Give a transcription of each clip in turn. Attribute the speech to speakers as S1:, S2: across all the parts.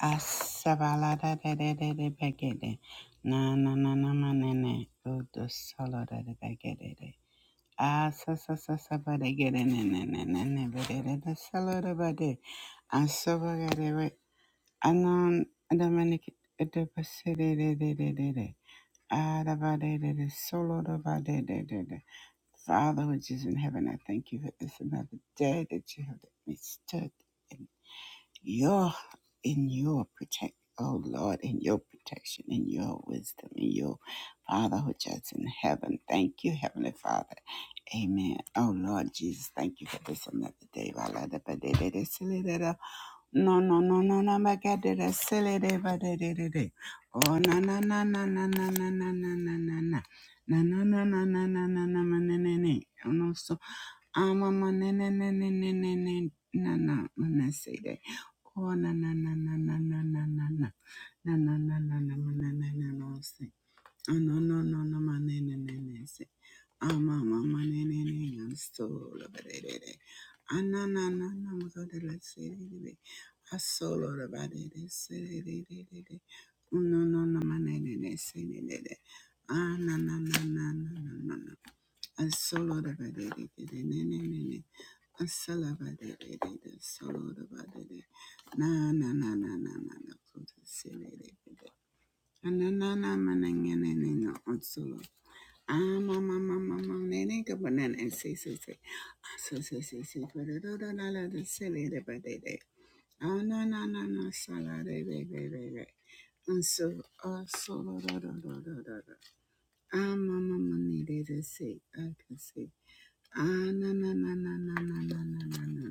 S1: Asabalada de de de de begede Na na na na ma ne manene. Udo solodadabagede. Asasasasabadagede ne ne ne ne ne be de de de solo de ba de solodabade. Asobagade we. Anan adamanik de pase de de de de de de. Ada ba de de de solo de ba de de de de. Father, which is in heaven, I thank you for this another day that you have let me stood. You're in your protect, oh Lord, in your protection, in your wisdom, in your Father which is in heaven. Thank you, Heavenly Father. Amen. Oh Lord Jesus, thank you for this another day. No, no, no, no, no, my God, did I silly day, but I did it. Oh, na, na, na, na, na, na, na, na, na, na, na, na. Na na na na na na na na na na na na ama manana na na na na na na na na na say that oh na na na na na na na na na na na na na na na na na na na say oh no no no no manana na na na na say ama mama na na na na solo ba de de de ah na na na na ma go de la say de de ah solo da ba de de say de de de de de oh no no no manana na na na say de de de ah na na na na na na na na ah solo da ba de de de de na na na Asalabaderede, solodabadede, na na na na na na na, Kutu siledede. na na na manengenenena onsolo. Ah ma ma ma Anananamananganenena, otsolo. Amamamamamanenega, banana, and say, say, say. Asasasasi, badadadadada, siledabadede. Anananana, saladebebebebe. And so, uh, solodadadadadada. Amamamamanedede, say, I can say. Ah, na na na na na na na na na na.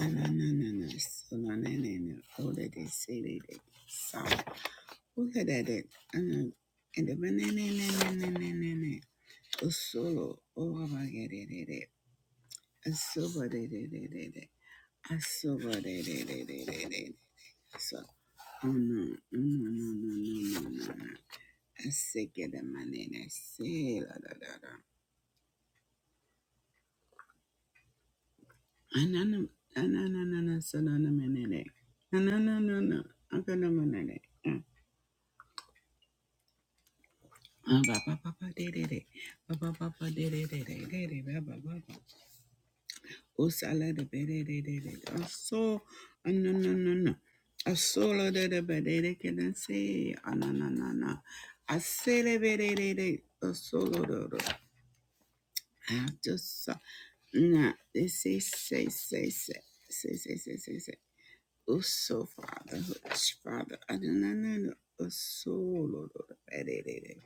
S1: Ananana, solanana, olede, selede, sa. Ukedede, ana, ende bananananananana, osolo, orabagerere, asobaderere, asobaderere, so. Oh no, no, no, no, no, no, no, no. Asekede manene, se, la, la, la, la. Anana, ananana, solanana, manene. Ananana, akana manene. So, no, no, no, no. A solo de de bedere que no se, ananana. A celebrate a solo de. I just saw. Nah, they say, say, say, say, say, say, say, say, say. Oh, so father, father, ananana. A solo de bedere.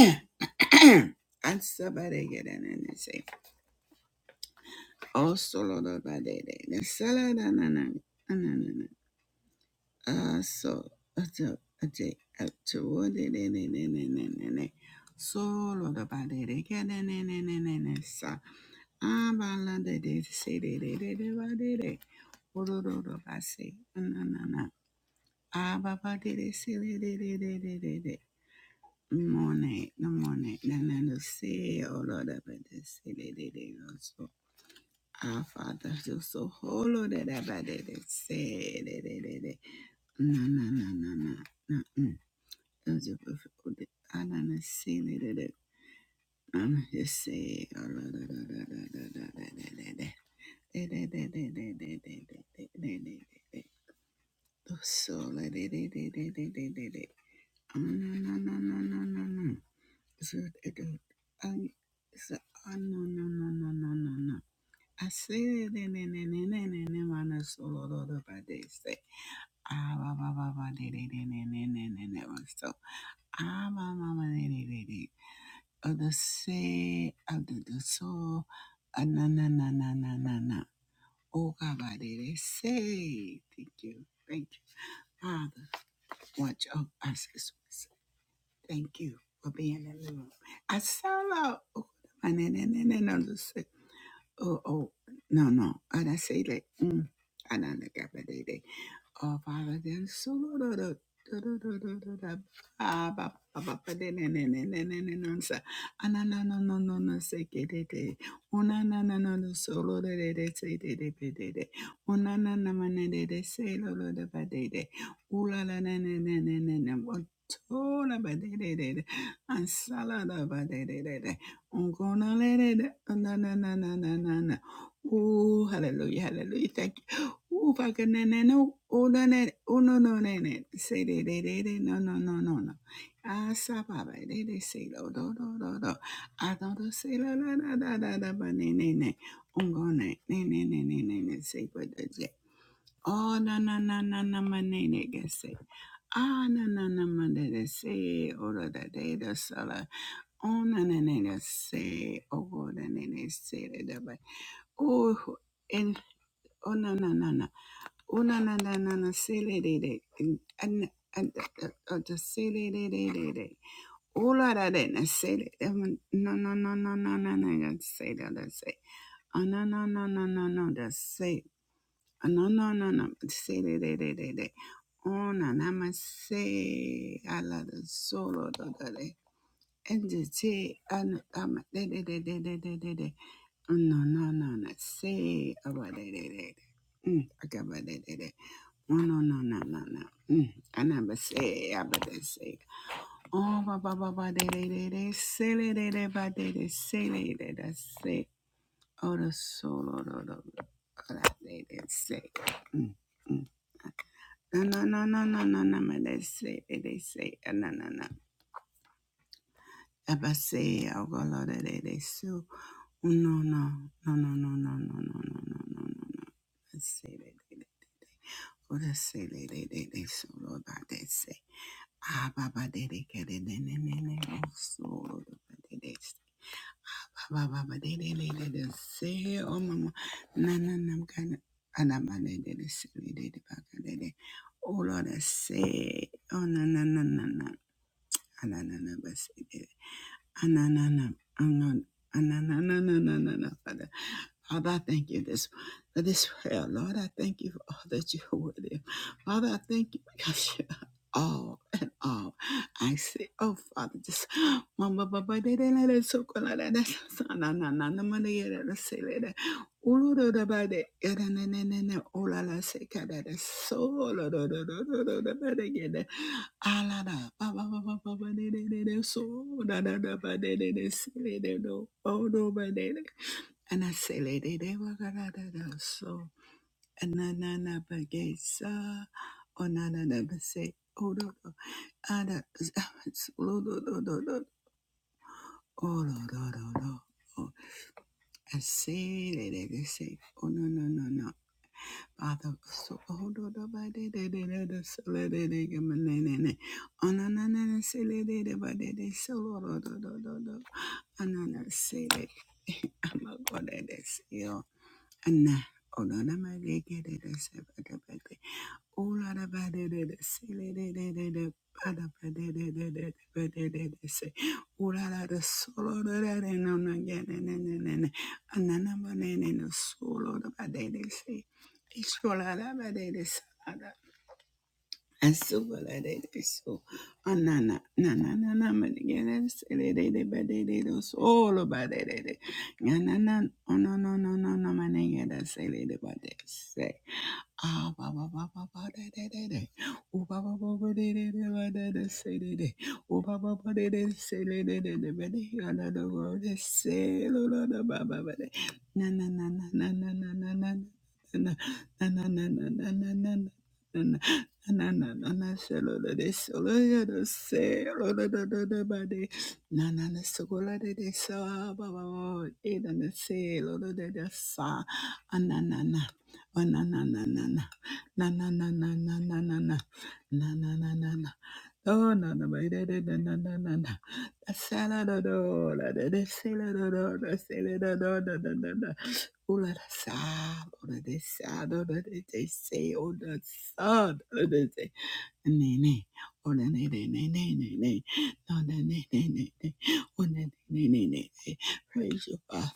S1: Asabare say oh solo da ba de de na sala da na na na na na na ah so ato ate ato wo de de de de de de de solo da ba de sa ah ba se de de de de ba de de oro ro ro se ah de de de de de de de de de Mone, no mone, na no se, oro da ba de se de de de Our Father, you're so holy that I bad that it said that it it it. No, no, no, no, no, no. mm. Those are perfect. I don't see it. it, it. I'm just say oh, la, la, la, la, la, la, la, la, la, Eh, da, da, da, da, da, da, da, da, da, da, da, da. Oh, so, la, da, da, da, da, da, da, da, da. Oh, no, no, no, no, no, no, no. So, it, it, I- so, oh, no, no, no, no, no, no, no. I say ne ne ne ne ne ne ne mana solo do do ba de say ah ba ba ba ba de de de ne ne ne ne ne one so ah ba ba ba de de de de of the sea, of the, the soul, ah, na na na na na na na. Oh God, I did it. say, thank you, thank you, Father. Watch over us this week. Thank you for being in the room. I solo. saw Oh, oh, no, no. And I say that. Mm. And I look at my day. Oh, Father, then so. Ansalada ba ba ba ba ba de ne ne ne ne ne ne ne sa. Anana no no no no se ke de de Una na na no no solo de. de de se de de de de de. Una na na ma ne de de se lo lo de ba de de. Ula la ne ne ne ne ne ne. Wa tola ba de de de de. Ansala da ba de de de de. Ungona le de de. oh, Na na na na na na na. Ooh, hallelujah, hallelujah. Thank you. Ooh, baka na na no. Oh, na na. Oh, no, no, na na. Say, de, de, de, de. No, no, no, no, no. Ah, sa, ba, ba. De, de, say, lo do, do, do, do. Ah, do, do, say, la, la, la, da, da, da, ba, ne, ne, ne. Ungo, ne, ne, ne, ne, ne, ne, ne. Say, ba, da, je. Oh, na, na, na, na, na, ma, ne, ne, ge, say. Ah, na, na, na, ma, de, de, say. Oh, da, da, de, da, sa, la. Oh, na, na, na, na, say. Oh, go, da, ne, ne, say, da, da, ba. Oh, Oh na na na na. Oh na na na na na. Say le de de. And and just say le de de de de. Oh la da de na say No no no no no no no. Just say that da say. Oh no no no no no no. Just say. Oh no no no no. Say le de de de de. Oh na na ma say. I la da solo da da de. And the say and um de de de de de de de de. Oh no no no no. Say about de de de. Mm, I got about de de de. No, no, no, no, no, no. Mm, I never say, I but they say. Oh, ba ba ba ba, they they they they say, they they they ba they they say, they they they say. Oh, the solo, do do do. Oh, that they they say. Mm, mm. No, no, no, no, no, no, no, but they say, they they say. Uh, No, no, no. I but say, I go lo they they they so. Oh, No, no, no, no, no, no, no, no, no, no, no, no, no. I say they they they. they. Oh, they say they they they they solo Lord, that they say. Ah, Baba Dede Kede Nene Nene Oso Dede Baba Baba Dede Dede Dede Se Oh Mama Na Na Na Mkana Anaba Dede Dede Se Dede Baka Dede Oh Lord I say Oh Na Na Na Na Na Ana Na Na Basi Dede Ana Na Na Ana Ana Na Na Na Na Na Na Father, I thank you this for this prayer. Lord, I thank you for all that you're worthy. Father, I thank you because you're all and all. I say, oh Father, just mama baba de de la de so kola la de sa na na na na ma de ye de la se le de. Ulu do da ba de ye de ne ne ne ne o la la se ka de de so lo do do do do do da ba de ye de. Alada, ba ba ba ba ba ba de de de de so da da da ba de de de si de de do oh do ba de de and I say de de de wa ga da da da so and na na na ba ge sa oh na na na ba say oh do do ah da lo do do do do oh do do do do oh I say de de de say oh no no no no Father, so hold on about it, they did it, so let it come in. On an ananasile, but it is so low, ananasile. I'm a god at this, yo. And on an amage, get it, Ola Ola ba ba ba ba de de de, se le de de de de ba da ba de, de de de de ba de de, de se se. Solo de de no na ge ne ne ne ne ne. Anana ba ne ne no solo da ba de de se. Ishola da ba de de sa da. Asuba la de de la na na na na na ma de ge ne se le de de ba de de do solo ba de de de. na, na na solo solo ba ba de se. sa, Ah, ba ba ba ba ba da da da da. Oh, ba ba ba ba da da da ba da da say da da. Oh, ba ba ba da da say da da da da ba da. Ya na the world is say lo lo da ba ba ba da. Na na na na na na na na na na na na na na na na na na. Na na na na na solo da de solo ya da se lo da da da da ba de na na na solo da de sa ba ba ba e da na se lo da da sa na na na Ba-na-na-na-na-na. Na-na-na-na-na-na-na-na. Na-na-na-na-na. Oh, no no Da-sa-la-da-do, la-da-da-sa-la-da-do, da-sa-la-da-do, da-da-da-da. Oh, la-da-sa, oh, la-da-sa, do, da-da-da-sa, oh, da-sa, Ne ne, ona ne ne ne ne ne ne, ona ne ne ne ne, ona ne ne ne ne ne. Praise you, Father.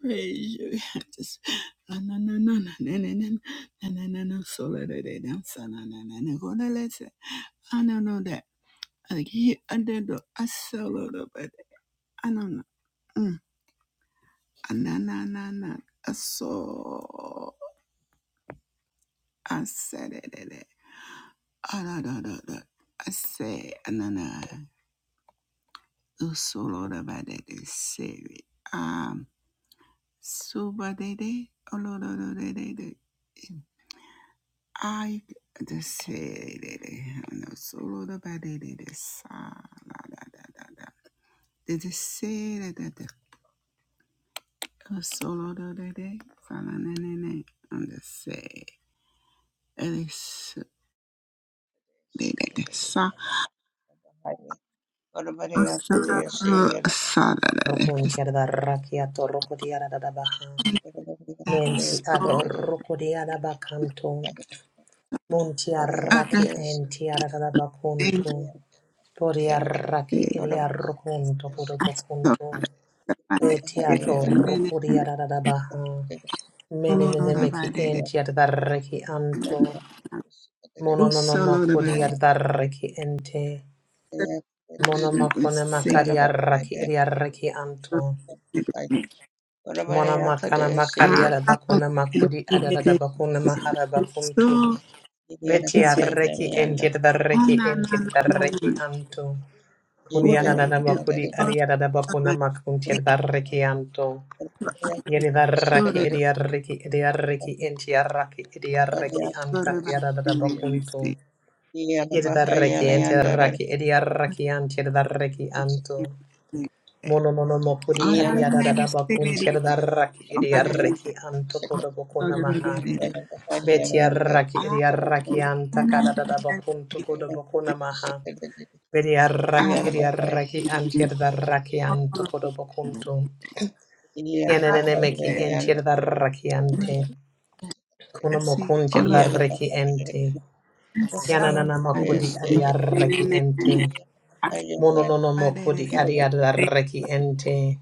S1: Praise you. I just na na na na na na na na na na na na. So let it dance. Na na na na. Go to let's. I don't know that. I like he I did the I solo the but I don't know. Mm. Ah, Na na na na. I saw. I said it. it, it. Ah, da, da, da, da. I say, na na. Usolorabadede seri. Um, subadede, olorororede. I the seri. No solorabadede sa la da da da da. The the seri da da. Usolororede sa la ne ne ne. On the seri. It is de de de sa. Usolororede sa da da de
S2: Rokun
S1: de sa da.
S2: tiada rakiato rokodiada da baha.
S1: That
S2: Menti
S1: is
S2: ado rokodiada bakanto. Muntia raki entiada da bakunto. Podia
S1: so.
S2: raki iria rokunto kodo
S1: Thank
S2: bakunto. Betiato rokodiada da baha. Menenemeki entiada da reki anto.
S1: you.
S2: Monononomokodi ad da reki ente. Monomakone makaria raki iria reki anto. Mona makana makari ada bakuna makudi ada da bakuna mahara bakuntu. Beti arreki enjet da reki enjet da anto. Kuniana da makudi ada da bakuna makunti da
S3: Yeah.
S2: anto.
S3: Bahaya
S2: Yeri da raki edi arreki edi arreki enti arraki edi arreki anta kiada da bakuntu. Yeri da reki enti arraki edi arraki anti da anto. Mono mono mokudi adiada da da bakun tiada da raki idiarreki anto kodo bokuna maha. beti raki idiarraki anta kada da da bakun to kodo bokuna maha. Betia raki idiarreki antiada da raki anto kodo bokunto. Yenene meki entiada da raki ante. Kuno
S1: Asi
S2: mokun tiada
S1: ola
S2: da reki ente.
S1: sara
S2: Yanana
S1: ade
S2: mokudi
S1: ne
S2: adiarreki
S1: ne
S2: ente.
S1: ne
S2: Mono nono
S1: akbade de
S2: mokudi
S1: gata
S2: adiada da reki ente.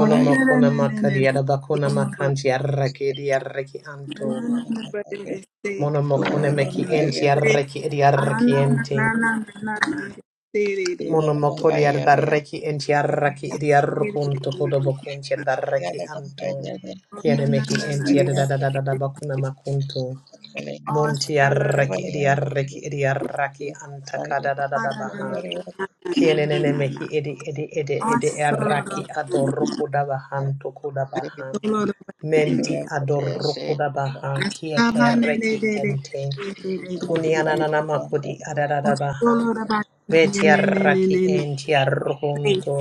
S1: ola ne ne ne ne
S2: makari
S1: ne
S2: arabakona
S1: solo ba
S2: makanti arraki edi
S3: Good
S2: arraki
S1: ne
S2: anto.
S1: ne ne ne ba de de se ola
S2: Monomokone
S1: no
S2: meki
S1: no de
S2: enti
S1: se
S2: arraki edi arraki
S1: ana na
S2: ente.
S1: na na na na na se de de
S2: Monomokori ardarraki enti arraki edi
S1: se de de
S2: arrokunto
S1: de de
S2: kodobokunti ardarraki anto.
S1: na
S2: Kiene
S1: na
S2: mehi
S1: na na
S2: enti
S1: na
S2: adadadadadabakona makunto.
S1: oh
S2: Monti
S1: sala de
S2: arraki edi arraki edi arraki
S1: para na
S2: antakadadadabaha.
S1: na na na na
S2: Kiene
S1: na
S2: nene
S1: na na
S2: mehi edi edi edi
S1: oh
S2: edi
S1: solo
S2: arraki adorrokudabahanto
S1: Oh
S2: kudabaha.
S1: no no no
S2: Menti adorokoda baha kia terreki ente. Kunianana makudi adarada baha. Betiarraki enti arrokonto.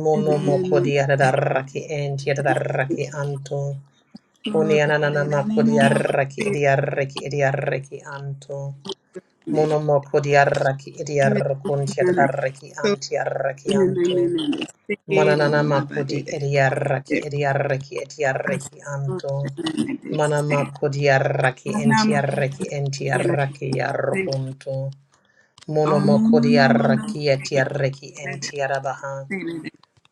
S2: Mono mokodi adarraki enti adarraki anto. Kunianana makudi arraki idiarreki idiarreki anto. Mono mokodi arraki idiarrokonti adarraki anti arraki anto. Mananana makodi ediaraki ediaraki etiaraki anto. Mana makodi araki entiaraki entiaraki yarrokunto. Mono makodi
S1: no no!
S2: araki etiaraki entiarabaha.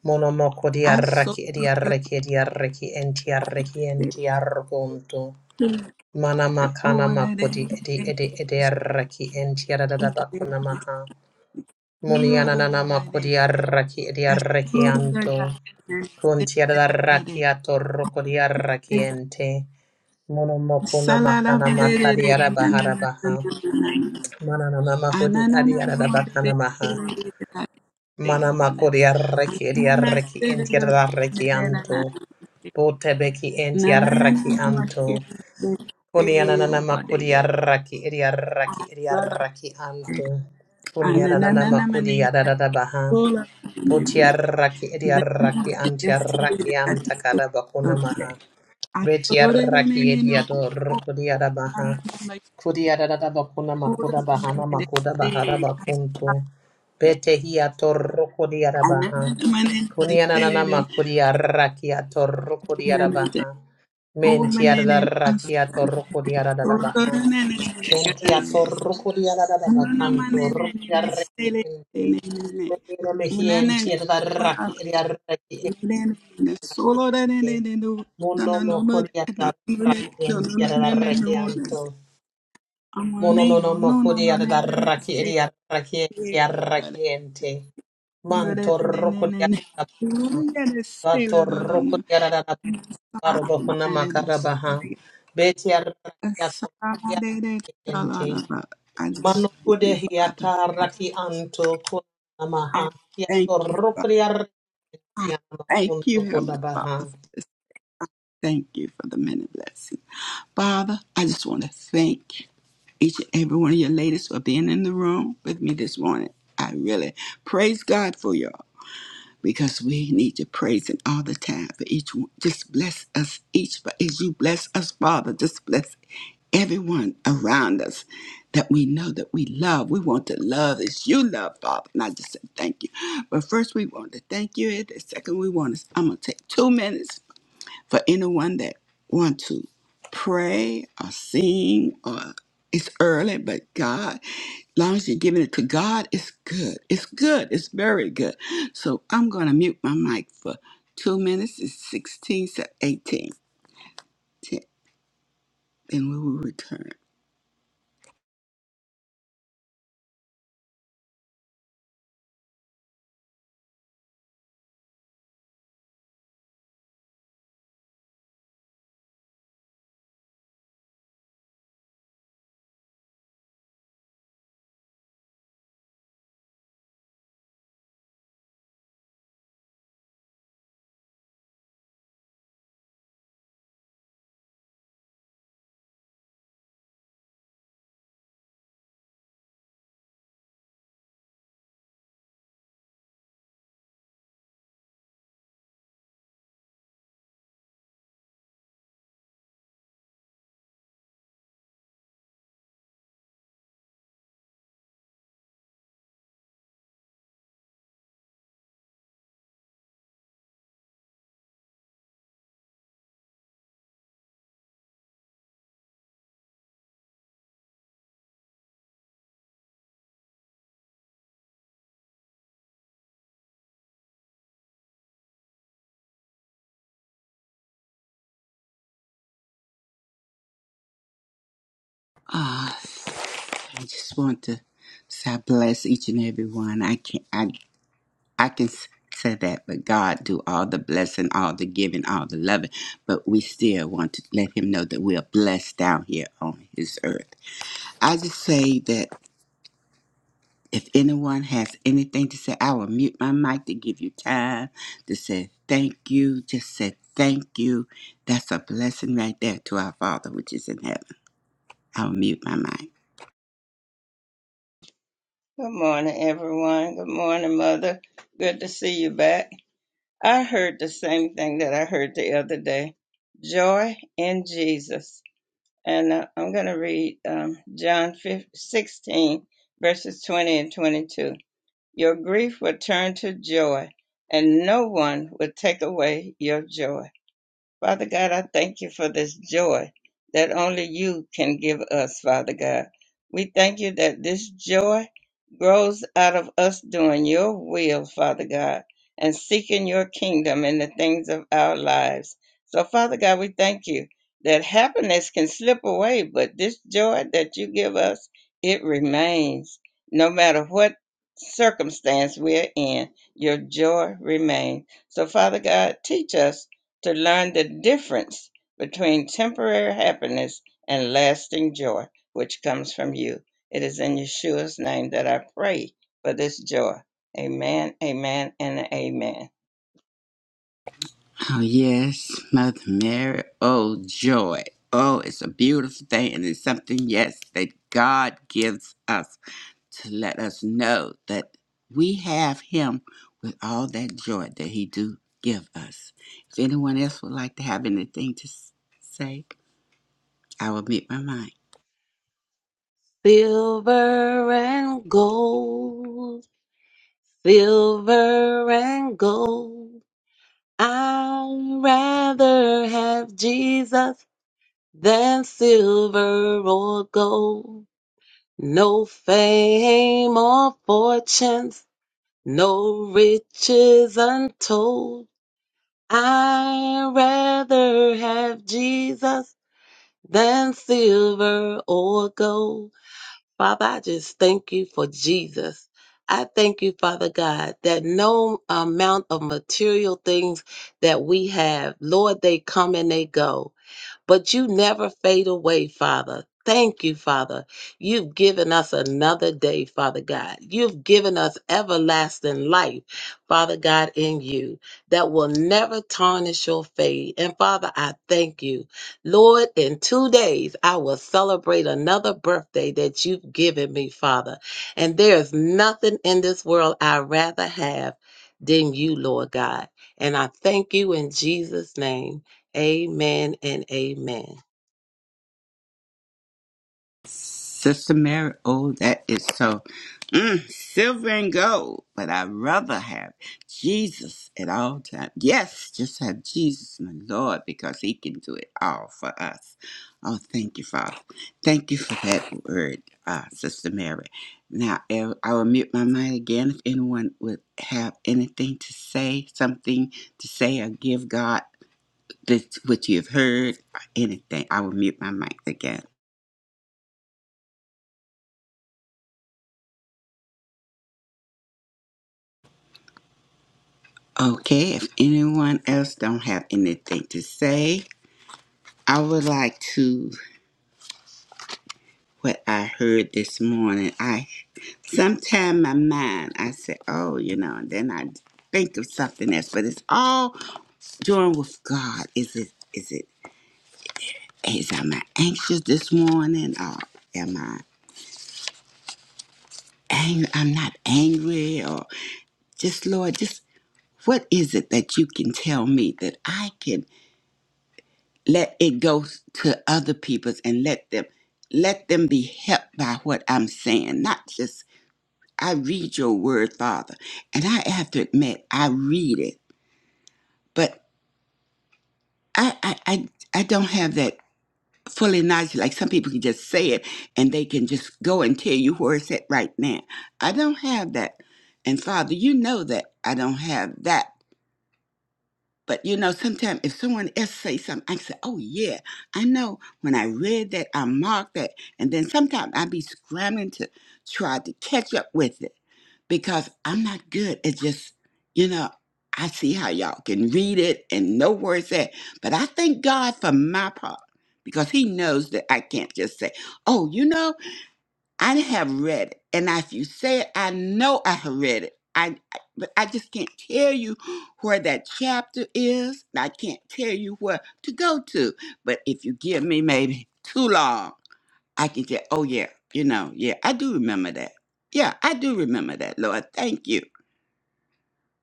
S2: Mono makodi
S1: I so
S2: araki ediaraki ediaraki entiaraki entiarrokunto. Mana
S1: Ananana
S2: makana makodi edi edi ediaraki entiaradadabakuna maha. Monianana makodi araki ediaraki anto. Kuntiara da rakiato rokodia rakiente. Mono mokuna makana makariara bahara baha. Mana nana mahudi adiara da bakana maha. Mana makodia reki edia reki entiara da rekianto. Bote beki entiara rakianto. Kuniana nana makodia raki edia raki edia rakianto. Kuniana nana da da baha. Botiaraki
S1: Then
S2: ediaraki
S1: the city
S2: antiaraki
S1: that is
S2: antakada
S1: the
S2: bakuna maha.
S1: play. I thought it in
S2: Betiaraki
S1: any no
S2: ediado rukuriada baha.
S1: like
S2: Kudiada bakuna
S1: food
S2: makuda bahana
S1: and
S2: makuda bahara
S1: say I
S2: bakuntu.
S1: started
S2: Betehiato rukuriada
S1: and
S2: baha.
S1: then the man in the
S2: Kunianana
S1: city then
S2: makuriaraki ato rukuriada
S1: woman in the
S2: baha.
S1: woman in us
S2: Mentiaraki ato rukuriada
S1: solo
S2: baha.
S1: and then
S2: Mentia
S1: again is
S2: torrucuria da da da
S1: another man
S2: bacanto, rucuria
S1: in the city in
S2: requiente,
S1: any
S2: menina
S1: and then
S2: mehienti da raki et da requiente,
S1: the solo that they do, and
S2: mono
S1: then no no no no no
S2: mocuria
S1: no
S2: da raquienti et
S1: no
S2: da
S1: no no no
S2: requianto, mono no no
S1: Amaneyo, no, no,
S2: mocuria
S1: no, ne,
S2: da
S1: ne, ne,
S2: raki et
S1: se,
S2: da requienti
S1: ye,
S2: requiente,
S1: lo, de,
S2: manto
S1: de, de, ne, ne,
S2: rucuria
S1: ne,
S2: da baha,
S1: Uri, de, de, se,
S2: bato
S1: lo, do, do, no,
S2: rucuria da da
S1: sa,
S2: baro
S1: ma,
S2: bohuna
S1: na, de, do, se,
S2: macarabaha,
S1: de,
S2: betia
S1: uh, sa,
S2: raquiato,
S1: ma, de, de, da,
S2: requiente,
S1: I
S2: Mano
S1: just thank
S2: kude
S1: you, Father.
S2: hiata raki anto kuna
S1: I
S2: maha. Hiato
S1: thank you, Father.
S2: rukri
S1: I
S2: arrekiana
S1: Thank you,
S2: kunto
S1: Heavenly
S2: koda
S1: Father,
S2: baha.
S1: for this. I Thank you for the many blessings. Father, I just want to thank each and every one of your ladies for being in the room with me this morning. I really praise God for you because we need your praise and all the time for each one. Just bless us each, but as you bless us, Father, just bless everyone around us that we know that we love. We want to love as you love, Father. And I just said thank you. But first, we want to thank you. And the second, we want to, I'm going to take two minutes for anyone that want to pray or sing or it's early, but God, long as you're giving it to God, it's good. It's good. It's very good. So I'm going to mute my mic for two minutes. It's 16 to 18. and we will return. Ah, I just want to say I bless each and every one. I can't. I can say that, but God do all the blessing, all the giving, all the loving. But we still want to let Him know that we are blessed down here on His earth. I just say that if anyone has anything to say, I will mute my mic to give you time to say thank you. Just say thank you. That's a blessing right there to our Father which is in heaven. I will mute my mic.
S3: morning, everyone. Good morning, Mother. Good to see you back. I heard the same thing that I heard the other day joy in Jesus. And uh, I'm going to read um, John 16, verses 20 and 22. Your grief will turn to joy, and no one will take away your joy. Father God, I thank you for this joy that only you can give us, Father God. We thank you that this joy grows out of us doing your will, Father God, and seeking your kingdom in the things of our lives. So, Father God, we thank you that happiness can slip away, but this joy that you give us, it remains. No matter what circumstance we're in, your joy remains. So, Father God, teach us to learn the difference between temporary happiness and lasting joy, which comes from you. It is in Yeshua's name that I pray for this joy. Amen, amen, and amen.
S1: Oh, yes, Mother Mary. Oh, joy. Oh, it's a beautiful thing. And it's something, yes, that God gives us to let us know that we have Him with all that joy that He do give us. If anyone else would like to have anything to s- say, I will meet my mind.
S4: Silver and gold, silver and gold. I'd rather have Jesus than silver or gold. No fame or fortunes, no riches untold. I'd rather have Jesus than silver or gold. Father, I just thank you for Jesus. I thank you, Father God, that no uh, amount of material things that we have, Lord, they come and they go but you never fade away, Father. Thank you, Father. You've given us another day, Father God. You've given us everlasting life, Father God, in you that will never tarnish your fade. And Father, I thank you. Lord, in two days, I will celebrate another birthday that you've given me, Father. And there's nothing in this world I'd rather have than you, Lord God. And I thank you in Jesus' name. Amen and amen.
S1: Sister Mary, oh, that is so mm, silver and gold, but I'd rather have Jesus at all times. Yes, just have Jesus, my Lord, because He can do it all for us. Oh, thank you, Father. Thank you for that word, uh, Sister Mary. Now, I I will mute my mind again if anyone would have anything to say, something to say, or give God this, what you have heard, or anything. I will mute my mic again. Okay, if anyone else don't have anything to say, I would like to what I heard this morning. I sometimes my mind I say, oh, you know, and then I think of something else, but it's all doing with God. Is it? Is it? Is am I anxious this morning, or am I angry? I'm not angry, or just Lord, just what is it that you can tell me that I can let it go to other people's and let them let them be helped by what i'm saying not just i read your word father and i have to admit i read it but i i i, I don't have that fully knowledge like some people can just say it and they can just go and tell you where it's at right now i don't have that and father you know that i don't have that But you know, sometimes if someone else say something, I say, "Oh yeah, I know." When I read that, I mark that, and then sometimes I be scrambling to try to catch up with it because I'm not good at just, you know, I see how y'all can read it and know where it's at. But I thank God for my part because He knows that I can't just say, oh, you know, I have read it, and if you say it, I know I have read it. I, I- but I just can't tell you where that chapter is. and I can't tell you where to go to. But if you give me maybe too long, I can say, "Oh yeah, you know, yeah, I do remember that. Yeah, I do remember that, Lord. Thank you."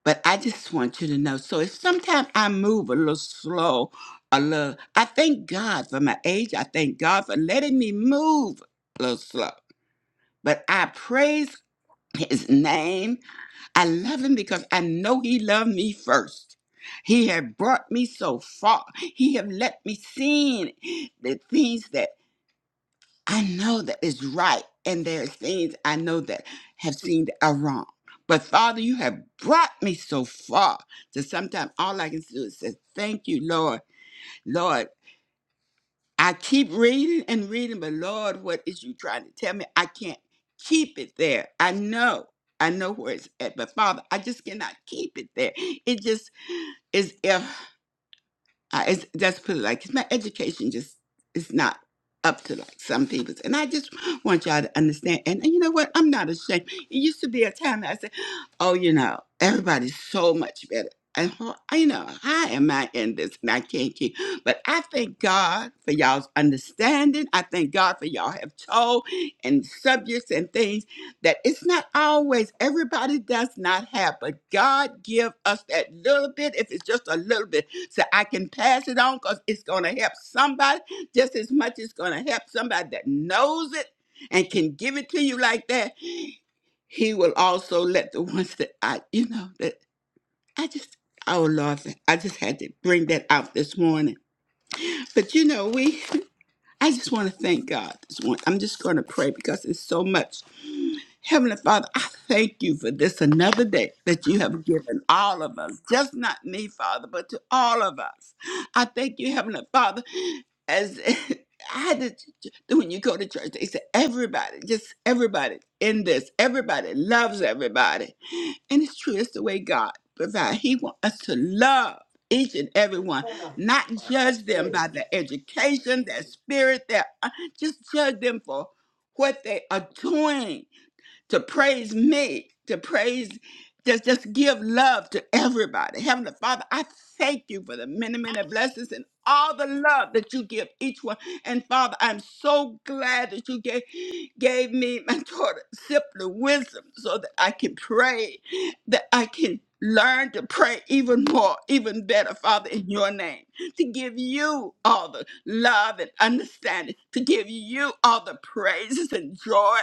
S1: But I just want you to know. So if sometimes I move a little slow, a little, I thank God for my age. I thank God for letting me move a little slow. But I praise his name. I love him because I know he loved me first. He had brought me so far. He have let me see the things that I know that is right, and there's things I know that have seemed are wrong. But Father, you have brought me so far that sometimes all I can do is say, "Thank you, Lord, Lord." I keep reading and reading, but Lord, what is you trying to tell me? I can't keep it there. I know. I know where it's at, but Father, I just cannot keep it there. It just is. if. I it's, that's put it like my education just is not up to like some people's, and I just want y'all to understand. And, and you know what? I'm not ashamed. It used to be a time that I said, "Oh, you know, everybody's so much better." And ho- I- you know, how am I in this? And I can't keep. But I thank God for y'all's understanding. I thank God for y'all have told and subjects and things that it's not always everybody does not have. But God give us that little bit, if it's just a little bit so I can pass it on because it's going to help somebody just as much as it's going to help somebody that knows it and can give it to you like that. He will also let the ones that I, you know, that I just, oh Lord, I just had to bring that out this morning. But you know, we, I just want to thank God this morning. I'm just going to pray because it's so much. Heavenly Father, I thank you for this another day that you have given all of us, just not me, Father, but to all of us. I thank you, Heavenly Father, as I had to, when you go to church, they say everybody, just everybody in this, everybody loves everybody. And it's true, it's the way God provides. He wants us to love each and every one, not judge them by their education, their spirit, their, uh, just judge them for what they are doing to praise me, to praise, just, just give love to everybody. Heavenly Father, I thank you for the many, many blessings and all the love that you give each one. And Father, I'm so glad that you gave, gave me my daughter simply wisdom so that I can pray, that I can learn to pray even more, even better, Father, in your name, to give you all the love and understanding, to give you all the praises and joy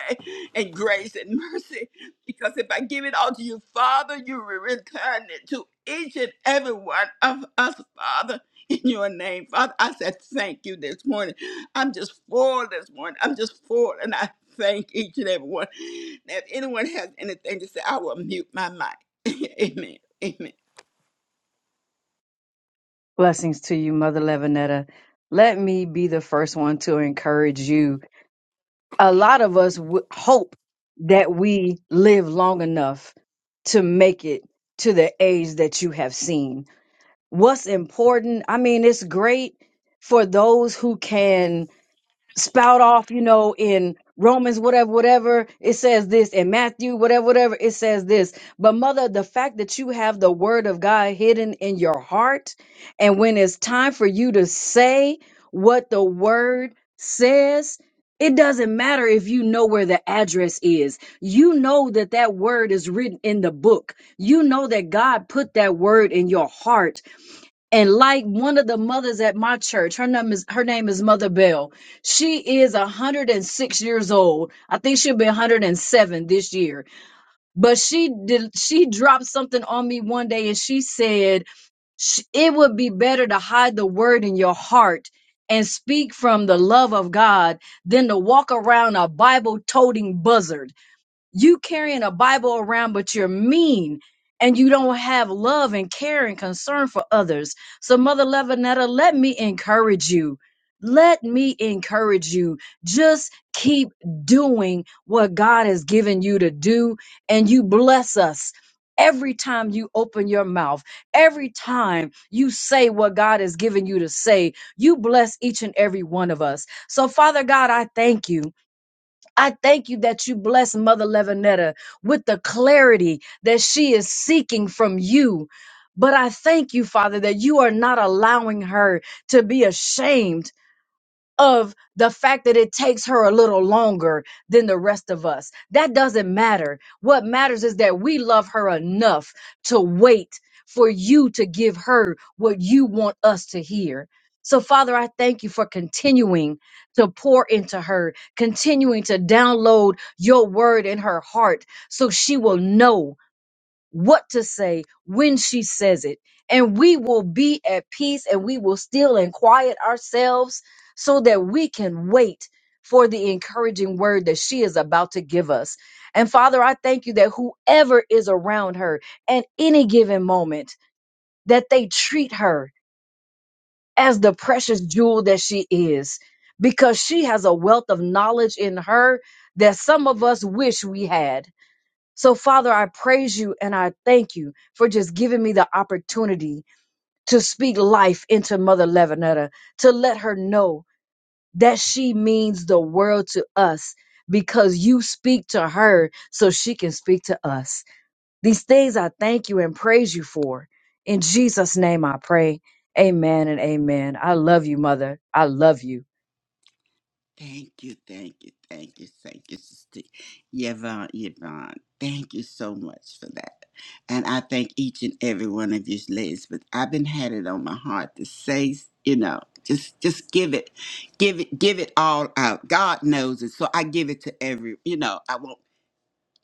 S1: and grace and mercy. Because if I give it all to you, Father, you will return it to each and every one of us, Father, in your name. Father, I said thank you this morning. I'm just full this morning. I'm just full, and I thank each and every one. Now, if anyone has anything to say, I will mute my mic. Amen. Amen.
S5: Blessings to you, Mother Levinetta. Let me be the first one to encourage you. A lot of us w- hope that we live long enough to make it to the age that you have seen. What's important? I mean, it's great for those who can spout off, you know, in Romans, whatever, whatever, it says this, in Matthew, whatever, whatever, it says this. But, mother, the fact that you have the word of God hidden in your heart, and when it's time for you to say what the word says, it doesn't matter if you know where the address is. You know that that word is written in the book. You know that God put that word in your heart and like one of the mothers at my church, her name is her name is Mother Bell. She is 106 years old. I think she'll be 107 this year. But she did she dropped something on me one day and she said "Sh- it would be better to hide the word in your heart and speak from the love of God than to walk around a Bible toting buzzard. You carrying a Bible around, but you're mean and you don't have love and care and concern for others. So, Mother Levinetta, let me encourage you. Let me encourage you. Just keep doing what God has given you to do, and you bless us. Every time you open your mouth, every time you say what God has given you to say, you bless each and every one of us. So, Father God, I thank you. I thank you that you bless Mother Levinetta with the clarity that she is seeking from you. But I thank you, Father, that you are not allowing her to be ashamed of the fact that it takes her a little longer than the rest of us. That doesn't matter. What matters is that we love her enough to wait for you to give her what you want us to hear. So, Father, I thank you for continuing to pour into her, continuing to download your word in her heart so she will know what to say when she says it. And we will be at peace and we will still and quiet ourselves so that we can wait for the encouraging word that she is about to give us. And Father, I thank you that whoever is around her at any given moment, that they treat her as the precious jewel that she is, because she has a wealth of knowledge in her that some of us wish we had so, Father, I praise you and I thank you for just giving me the opportunity to speak life into Mother Levinetta, to let her know that she means the world to us because you speak to her so she can speak to us. These things I thank you and praise you for. In Jesus' name I pray. Amen and amen. I love you, Mother. I love you.
S1: Thank you, thank you, thank you, thank you, Sister Yvonne, Yvonne. Thank you so much for that. And I thank each and every one of you ladies, but I've been had it on my heart to say, you know, just just give it, give it, give it all out. God knows it. So I give it to every, you know, I won't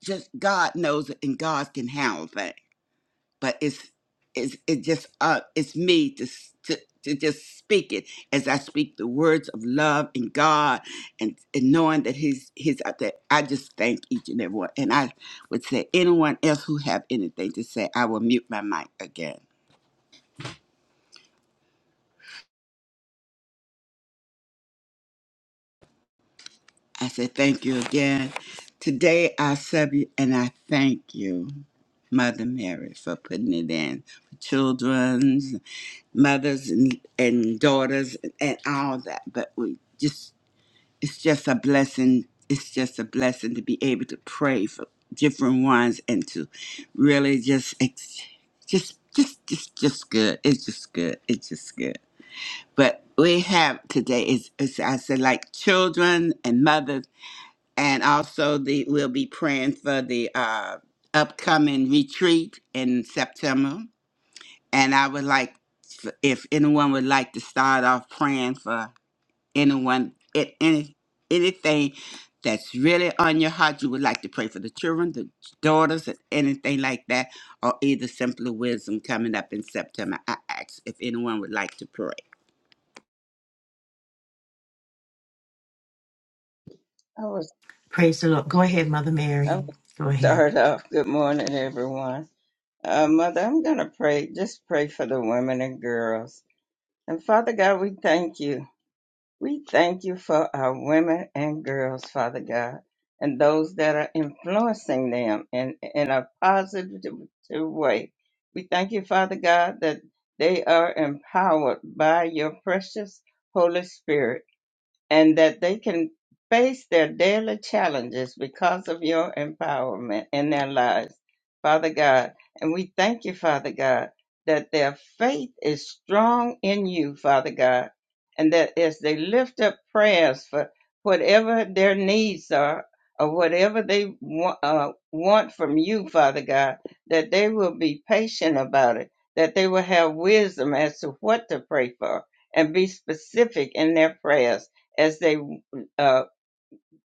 S1: just God knows it and God can handle it but it's it's it just uh it's me to s- to to just speak it as I speak the words of love and God and, and knowing that He's He's out there. I just thank each and every one. And I would say anyone else who have anything to say, I will mute my mic again. I say thank you again. Today I serve you and I thank you, Mother Mary, for putting it in. for Children's, mothers and, and daughters and all that. But we just it's just a blessing. It's just a blessing to be able to pray for different ones and to really just, ex- just, just, just, just good. It's just good. It's just good. But we have today is, is I said, like children and mothers, and also the we'll be praying for the uh, upcoming retreat in September. And I would like, if anyone would like to start off praying for anyone at any anything that's really on your heart you would like to pray for the children the daughters and anything like that or either simply wisdom coming up in september i ask if anyone would like to pray
S3: I was,
S6: Praise the Lord. Go ahead, Mother
S3: I
S6: Mary.
S3: was
S6: Go ahead.
S3: start off. Good morning, everyone. Uh, Mother, I'm going to pray, just pray for the women and girls. And Father God, we thank you. We thank you for our women and girls, Father God, and those that are influencing them in, in a positive way. We thank you, Father God, that they are empowered by your precious Holy Spirit and that they can face their daily challenges because of your empowerment in their lives, Father God. And we thank you, Father God, that their faith is strong in you, Father God, and that as they lift up prayers for whatever their needs are or whatever they wa- uh, want from you, Father God, that they will be patient about it, that they will have wisdom as to what to pray for and be specific in their prayers as they uh,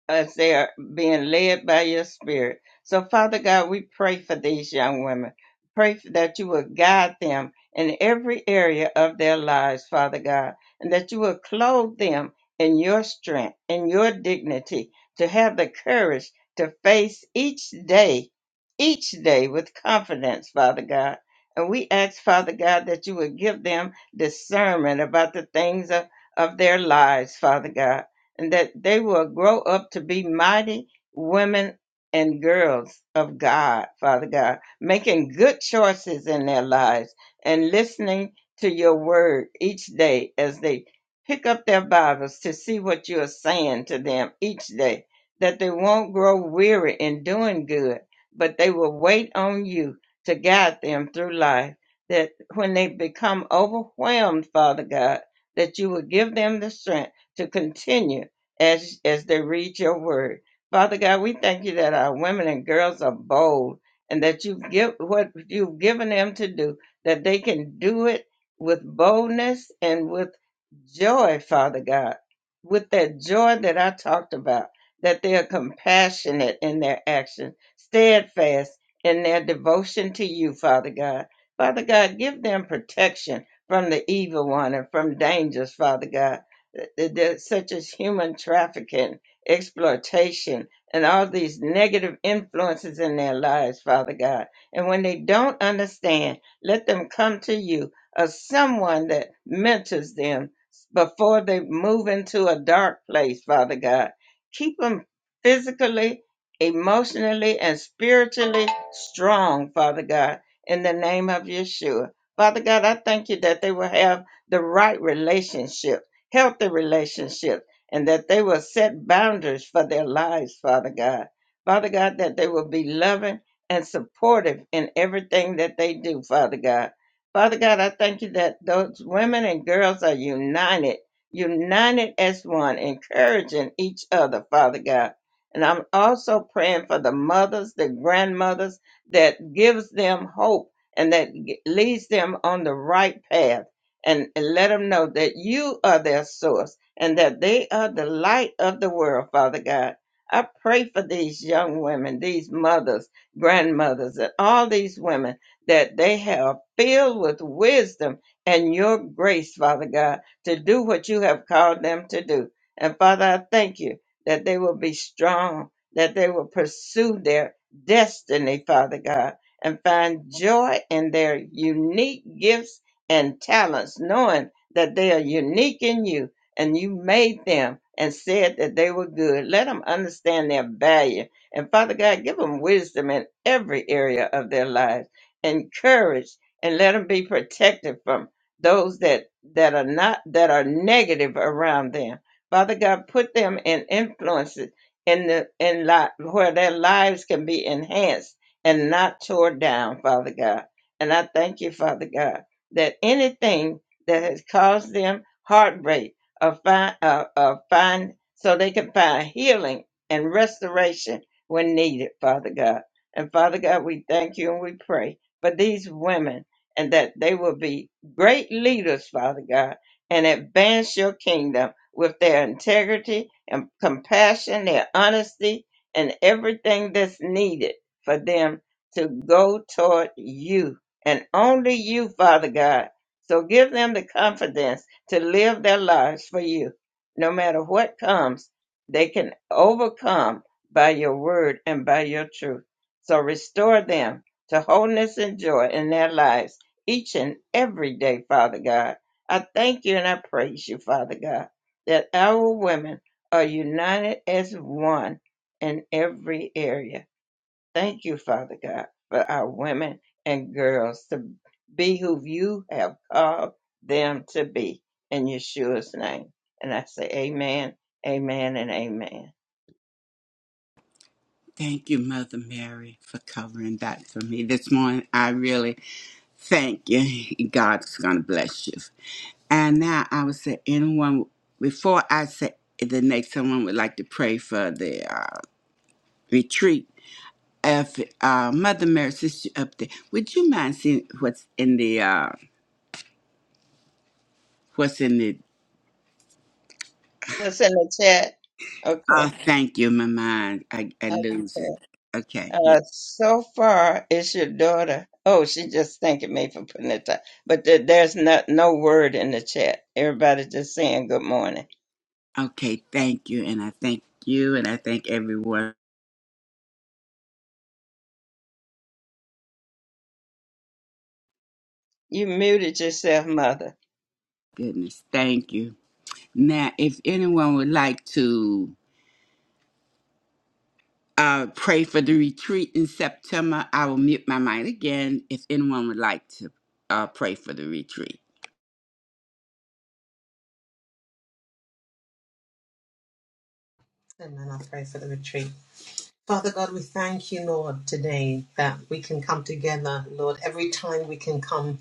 S3: as they are being led by your spirit. So, Father God, we pray for these young women. Pray that you will guide them in every area of their lives, Father God, and that you will clothe them in your strength, in your dignity, to have the courage to face each day, each day with confidence, Father God. And we ask, Father God, that you would give them discernment about the things of, of their lives, Father God and that they will grow up to be mighty women and girls of God, Father God, making good choices in their lives and listening to your word each day as they pick up their Bibles to see what you are saying to them each day, that they won't grow weary in doing good, but they will wait on you to guide them through life. That when they become overwhelmed, Father God, that you will give them the strength to continue as as they read your word. Father God, we thank you that our women and girls are bold and that you've give what you've given them to do, that they can do it with boldness and with joy, Father God, with that joy that I talked about, that they are compassionate in their action, steadfast in their devotion to you, Father God. Father God, give them protection from the evil one and from dangers, Father God th- th- such as human trafficking, exploitation, and all these negative influences in their lives, Father God. And when they don't understand, let them come to you or someone that mentors them before they move into a dark place, Father God. Keep them physically, emotionally, and spiritually strong, Father God, in the name of Yeshua. Father God, I thank you that they will have the right relationship healthy relationships, and that they will set boundaries for their lives, Father God. Father God, that they will be loving and supportive in everything that they do, Father God. Father God, I thank you that those women and girls are united, united as one, encouraging each other, Father God. And I'm also praying for the mothers, the grandmothers, that gives them hope and that g- leads them on the right path and, and let them know that you are their source and that they are the light of the world, Father God. I pray for these young women, these mothers, grandmothers, and all these women that they have filled with wisdom and your grace, Father God, to do what you have called them to do. And Father, I thank you that they will be strong, that they will pursue their destiny, Father God, and find joy in their unique gifts and talents, knowing that they are unique in you and you made them and said that they were good. Let them understand their value. And Father God, give them wisdom in every area of their lives and courage and let them be protected from those that, that are not, that are negative around them. Father God, put them in influences in the, in li- where their lives can be enhanced and not tore down, Father God. And I thank you, Father God that anything that has caused them heartbreak or find, uh, uh, find so they can find healing and restoration when needed, Father God. And Father God, we thank you and we pray for these women and that they will be great leaders, Father God, and advance your kingdom with their integrity and compassion, their honesty, and everything that's needed for them to go toward you and only you, Father God. So give them the confidence to live their lives for you. No matter what comes, they can overcome by your word and by your truth. So restore them to wholeness and joy in their lives each and every day, Father God. I thank you and I praise you, Father God, that our women are united as one in every area Thank you, Father God, for our women and girls to be who you have called them to be in Yeshua's name. And I say amen, amen, and amen.
S1: thank you mother mary for covering that for me this morning i really thank you god's gonna bless you and now i would say anyone before i say the next someone would like to pray for the uh, retreat if uh, Mother Mary since you up there, would you mind seeing what's in the uh, what's in the?
S3: What's in the chat? Okay.
S1: Oh, thank you, my mind. I, I lose it.
S3: okay.
S1: Okay, yeah.
S3: Uh, so far, it's your daughter. Oh, she just thanking me for putting it up. But there- there's not, no word in the chat. Everybody just saying good morning.
S1: Okay, thank you, and I thank you, and I thank everyone.
S3: You muted yourself, Mother.
S1: Goodness, thank you. Now, if anyone would like to uh, pray for the retreat in September, I will mute my mind again. If anyone would like to uh, pray for the retreat,
S2: And then i pray for the retreat. Father God, we thank you, Lord, today that we can come together, Lord. Every time we can come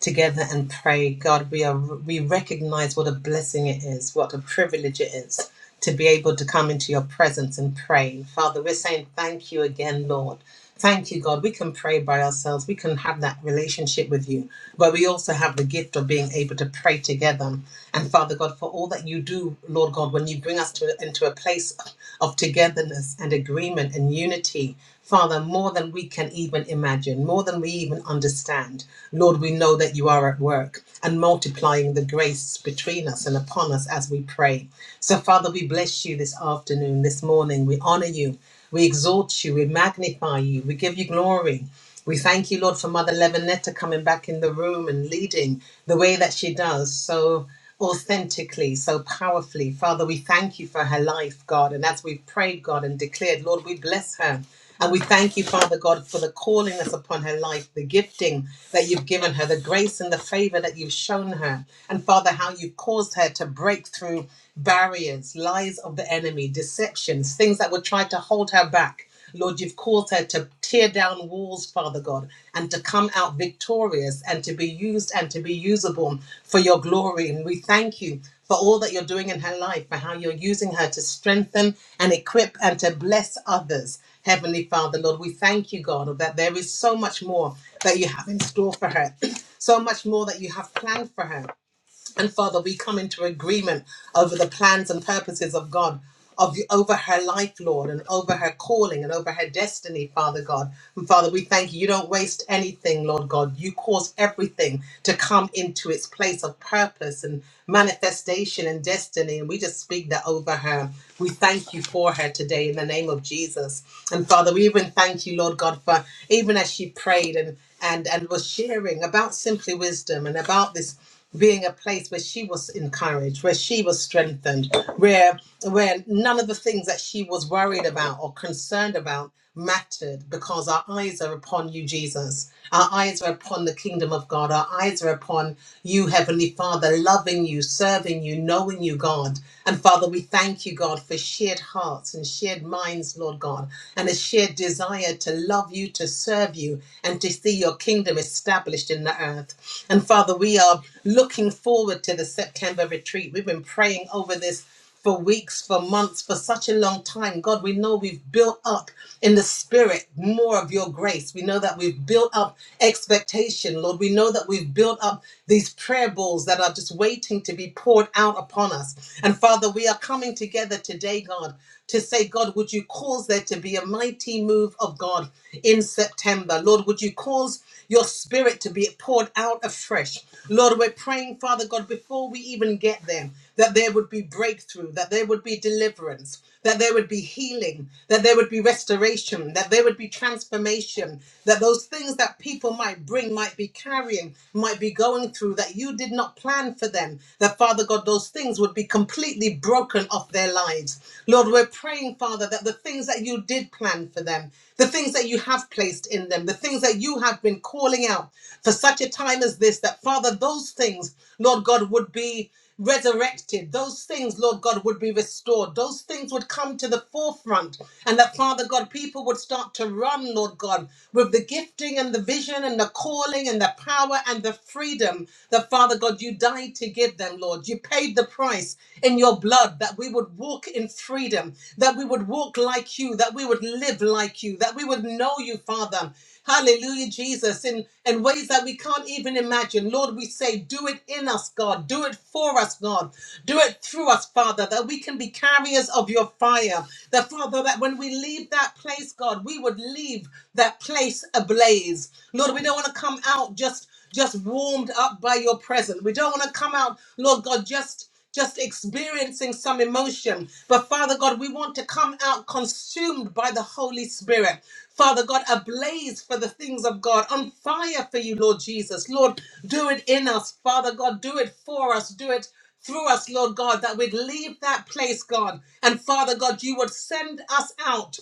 S2: together and pray. God, we are we recognize what a blessing it is, what a privilege it is to be able to come into your presence and pray. Father, we're saying thank you again, Lord. Thank you, God. We can pray by ourselves. We can have that relationship with you, but we also have the gift of being able to pray together. And Father God, for all that you do, Lord God, when you bring us to, into a place of togetherness and agreement and unity, Father, more than we can even imagine, more than we even understand. Lord, we know that you are at work and multiplying the grace between us and upon us as we pray. So, Father, we bless you this afternoon, this morning. We honor you, we exalt you, we magnify you, we give you glory. We thank you, Lord, for Mother Levinetta coming back in the room and leading the way that she does. So, authentically, so powerfully. Father, we thank you for her life, God. And as we've prayed, God, and declared, Lord, we bless her. And we thank you, Father God, for the calling that's upon her life, the gifting that you've given her, the grace and the favor that you've shown her. And Father, how you've caused her to break through barriers, lies of the enemy, deceptions, things that would try to hold her back. Lord, you've called her to tear down walls, Father God, and to come out victorious and to be used and to be usable for your glory. And we thank you for all that you're doing in her life, for how you're using her to strengthen and equip and to bless others. Heavenly Father, Lord, we thank you, God, that there is so much more that you have in store for her, so much more that you have planned for her. And Father, we come into agreement over the plans and purposes of God. Of over her life, Lord, and over her calling and over her destiny, Father God. And Father, we thank you. You don't waste anything, Lord God. You cause everything to come into its place of purpose and manifestation and destiny. And we just speak that over her. We thank you for her today in the name of Jesus. And Father, we even thank you, Lord God, for even as she prayed and and and was sharing about simply wisdom and about this being a place where she was encouraged, where she was strengthened, where where none of the things that she was worried about or concerned about mattered because our eyes are upon you, Jesus. Our eyes are upon the kingdom of God. Our eyes are upon you, Heavenly Father, loving you, serving you, knowing you, God. And Father, we thank you, God, for shared hearts and shared minds, Lord God, and a shared desire to love you, to serve you, and to see your kingdom established in the earth. And Father, we are looking forward to the September retreat. We've been praying over this for weeks, for months, for such a long time. God, we know we've built up in the spirit more of your grace. We know that we've built up expectation, Lord. We know that we've built up these prayer bowls that are just waiting to be poured out upon us. And Father, we are coming together today, God, to say, God, would you cause there to to be a mighty move of God in September. Lord, would you cause your spirit to be poured out afresh? Lord, we're praying, Father God, before we even get there, that there would be breakthrough, that there would be deliverance, that there would be healing, that there would be restoration, that there would be transformation, that those things that people might bring, might be carrying, might be going through, that you did not plan for them, that Father God, those things would be completely brought broken off their lives. Lord, we're praying, Father, that the things that you did plan for them, the things that you have placed in them, the things that you have been calling out for such a time as this, that, Father, those things, Lord God, would be resurrected. Those things, Lord God, would be restored. Those things would come to the forefront. And that, Father God, people would start to run, Lord God, with the gifting and the vision and the calling and the power and the freedom that, Father. Father God, you died to give them, Lord. You paid the price in your blood that we would walk in freedom, that we would walk like you, that we would live like you, that we would know you, Father. Hallelujah, Jesus, in, in ways that we can't even imagine. Lord, we say, do it in us, God. Do it for us, God. Do it through us, Father, that we can be carriers of your fire. That, Father, that when we leave that place, God, we would leave that place ablaze. Lord, we don't want to come out just just warmed up by your presence. We don't want to come out, Lord God, just just experiencing some emotion. But Father God, we want to come out consumed by the Holy Spirit. Father God, ablaze for the things of God, on fire for you, Lord Jesus. Lord, do it in us. Father God, do it for us. Do it through us, Lord God, that we'd leave that place, God. And Father God, you would send us out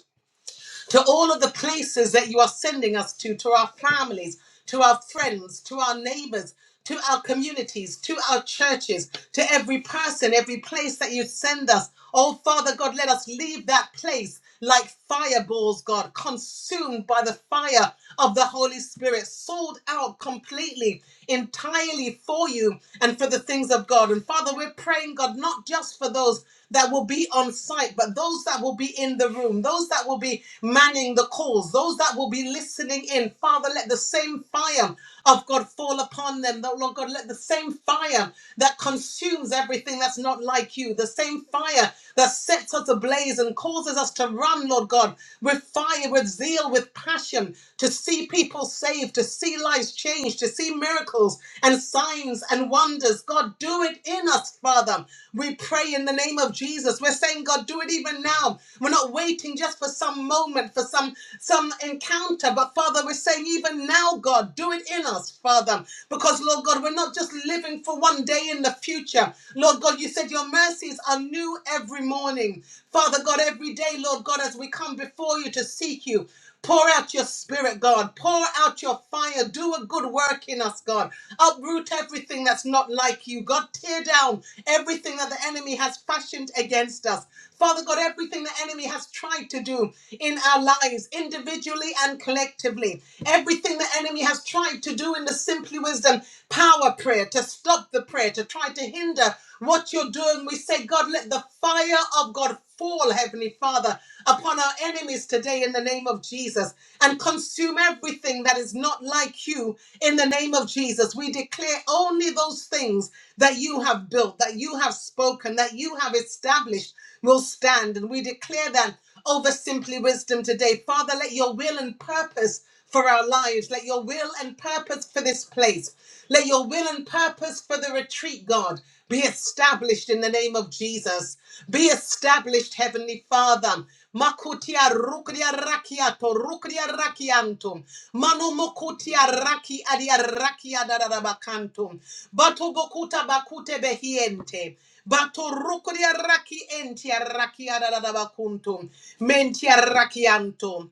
S2: to all of the places that you are sending us to, to our families, to our friends, to our neighbors, to our communities, to our churches, to every person, every place that you send us. Oh, Father God, let us leave that place like fireballs, God, consumed by the fire of the Holy Spirit, sold out completely, entirely for you and for the things of God. And Father, we're praying, God, not just just for those that will be on site, but those that will be in the room, those that will be manning the calls, those that will be listening in. Father, let the same fire of God fall upon them. Lord God, let the same fire that consumes everything that's not like you, the same fire that sets us ablaze and causes us to run, Lord God, with fire, with zeal, with passion, to see people saved, to see lives changed, to see miracles miracles and signs and wonders. God, do it in us, Father. We pray in the name of Jesus. We're saying, God, do it even now. We're not waiting just for some moment, for some some encounter, but Father, we're saying even now, God, do it in us, Father, because Lord God, we're not just living for one day in the future. Lord God, you said your mercies are new every morning. Father God, every day, Lord God, as we come before you to seek you. Pour out your spirit, God. Pour out your fire. Do a good work in us, God. Uproot everything that's not like you, God. Tear down everything that the enemy has fashioned against us. Father God, everything the enemy has tried to do in our lives, individually and collectively, everything the enemy has tried to do in the Simply Wisdom power prayer, to stop the prayer, to try to hinder what you're doing, we say, God, let the fire of God fall, Heavenly Father, upon our enemies today in the name of Jesus and consume everything that is not like you in the name of Jesus. We declare only those things that you have built, that you have spoken, that you have established will stand. And we declare that over Simply Wisdom today. Father, let your will and purpose for our lives. Let your will and purpose for this place, let your will and purpose for the retreat, God, be established in the name of Jesus. Be established, Heavenly Father. Makutia rukuria rakiato, rukuria rakiantum. Manu mukutia raki adia rakia dadadabakantum. Bato bokuta bakute behiente. Bato rukuria raki entia rakia dadadabakuntum. Mentia rakiantum.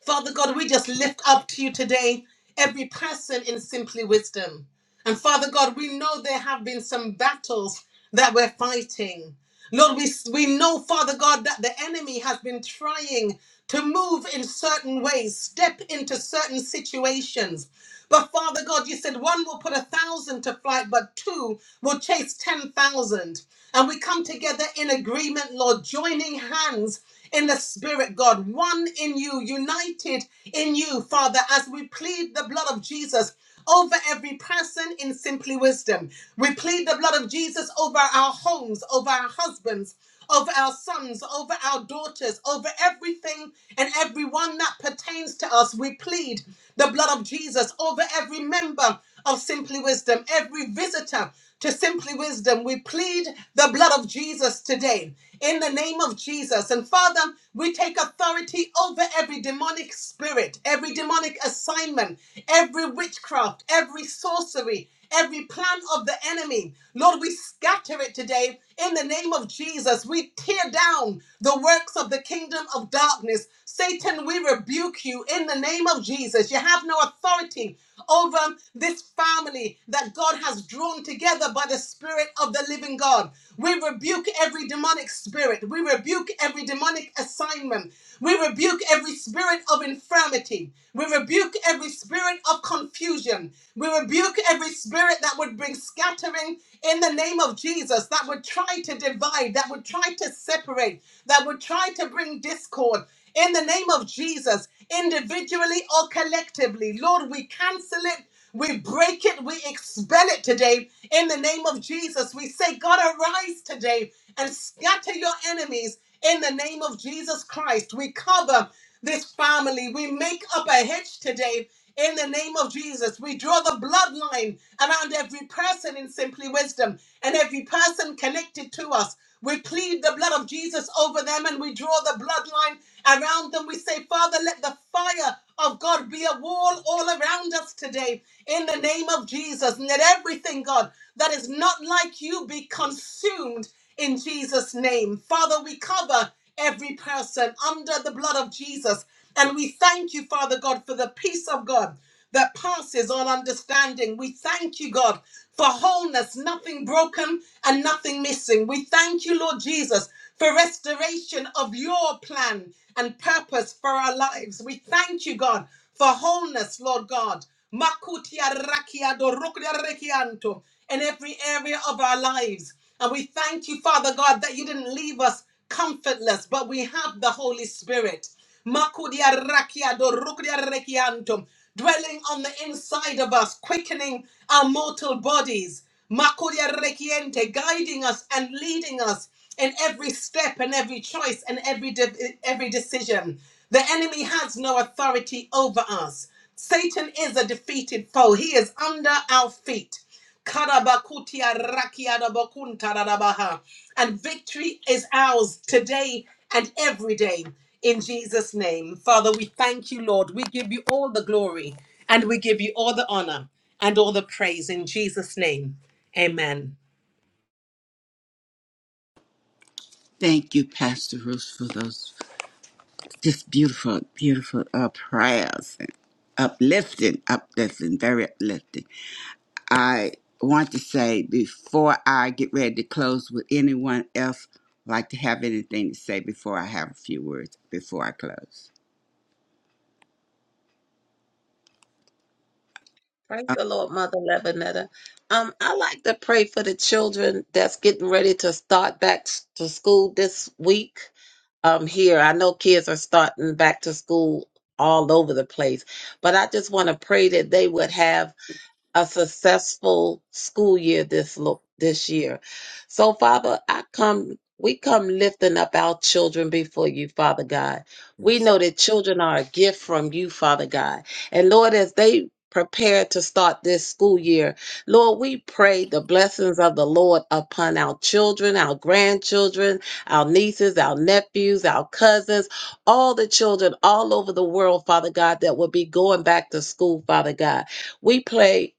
S2: Father God, we just lift up to you today every person in Simply Wisdom. And Father God, we know there have been some battles that we're fighting. Lord, we, we know, Father God, that the enemy has been trying to move in certain ways, step into certain situations. But Father God, you said one will put a thousand to flight, but two will chase 10,000. And we come together in agreement, Lord, joining hands in the Spirit, God, one in you, united in you, Father, as we plead the blood of Jesus. Over every person in simply wisdom. We plead the blood of Jesus over our homes, over our husbands, over our sons, over our daughters, over everything and everyone that pertains to us. We plead the blood of Jesus over every member of Simply Wisdom, every visitor to Simply Wisdom, we plead the blood of Jesus today in the name of Jesus. And Father, we take authority over every demonic spirit, every demonic assignment, every witchcraft, every sorcery every plan of the enemy. Lord, we scatter it today in the name of Jesus. We tear down the works of the kingdom of darkness. Satan, we rebuke you in the name of Jesus. You have no authority over this family that God has drawn together by the Spirit of the living God. We rebuke every demonic spirit. We rebuke every demonic assignment. We rebuke every spirit of infirmity infirmity. We rebuke every spirit of confusion. We rebuke every spirit that would bring scattering in the name of Jesus, that would try to divide, that would try to separate, that would try to bring discord. In the name of Jesus, individually or collectively, Lord, we cancel it. We break it, we expel it today in the name of Jesus. We say, God, arise. Arise today and scatter your enemies in the name of Jesus Christ. We cover this family. We make up a hedge today in the name of Jesus. We draw the bloodline around every person in Simply Wisdom and every person connected to us. We plead the blood of Jesus over them and we draw the bloodline around them. We say, Father, let the fire of God be a wall all around us today in the name of Jesus. And that everything, God, that is not like you be consumed in Jesus' name. Father, we cover every person under the blood of Jesus. And we thank you, Father God, for the peace of God that passes all understanding. We thank you, God, for wholeness, nothing broken and nothing missing. We thank you, Lord Jesus, for restoration of your plan and purpose for our lives. We thank you, God, for wholeness, Lord God. Makutia rakia do rukia rekianto In every area of our lives. And we thank you, Father God, that you didn't leave us comfortless, but we have the Holy Spirit. Makudia rakiado, rukudia rekiantum, Dwelling on the inside of us, quickening our mortal bodies. Makudia rekiente, guiding us and leading us in every step and every choice and every de- every decision. The enemy has no authority over us. Satan is a defeated foe. He is under our feet. Karabakutia rakia da bakunta da baha. And victory is ours today and every day in Jesus' name. Father, we thank you, Lord. We give you all the glory and we give you all the honor and all the praise in Jesus' name. Amen.
S1: thank you, Pastor Ruth, for those Just beautiful, beautiful uh, prayers. and Uplifting, uplifting, very uplifting. I want to say before I get ready to close, would anyone else like to have anything to say before I have a few words before I close?
S4: Praise
S1: Oh,
S4: the Lord, Mother Lebanetta. Um, I like to pray for the children that's getting ready to start back s- to school this week. Um, here, I know kids are starting back to school all over the place, but I just want to pray that they would have a successful school year this lo- this year. So Father, I come we come lifting up our children before you, Father God. We know that children are a gift from you, Father God. And Lord, as they prepare to start this school year, Lord, we pray the blessings of the Lord upon our children, our grandchildren, our nieces, our nephews, our cousins, all the children all over the world, Father God, that will be going back to school, Father God. We pray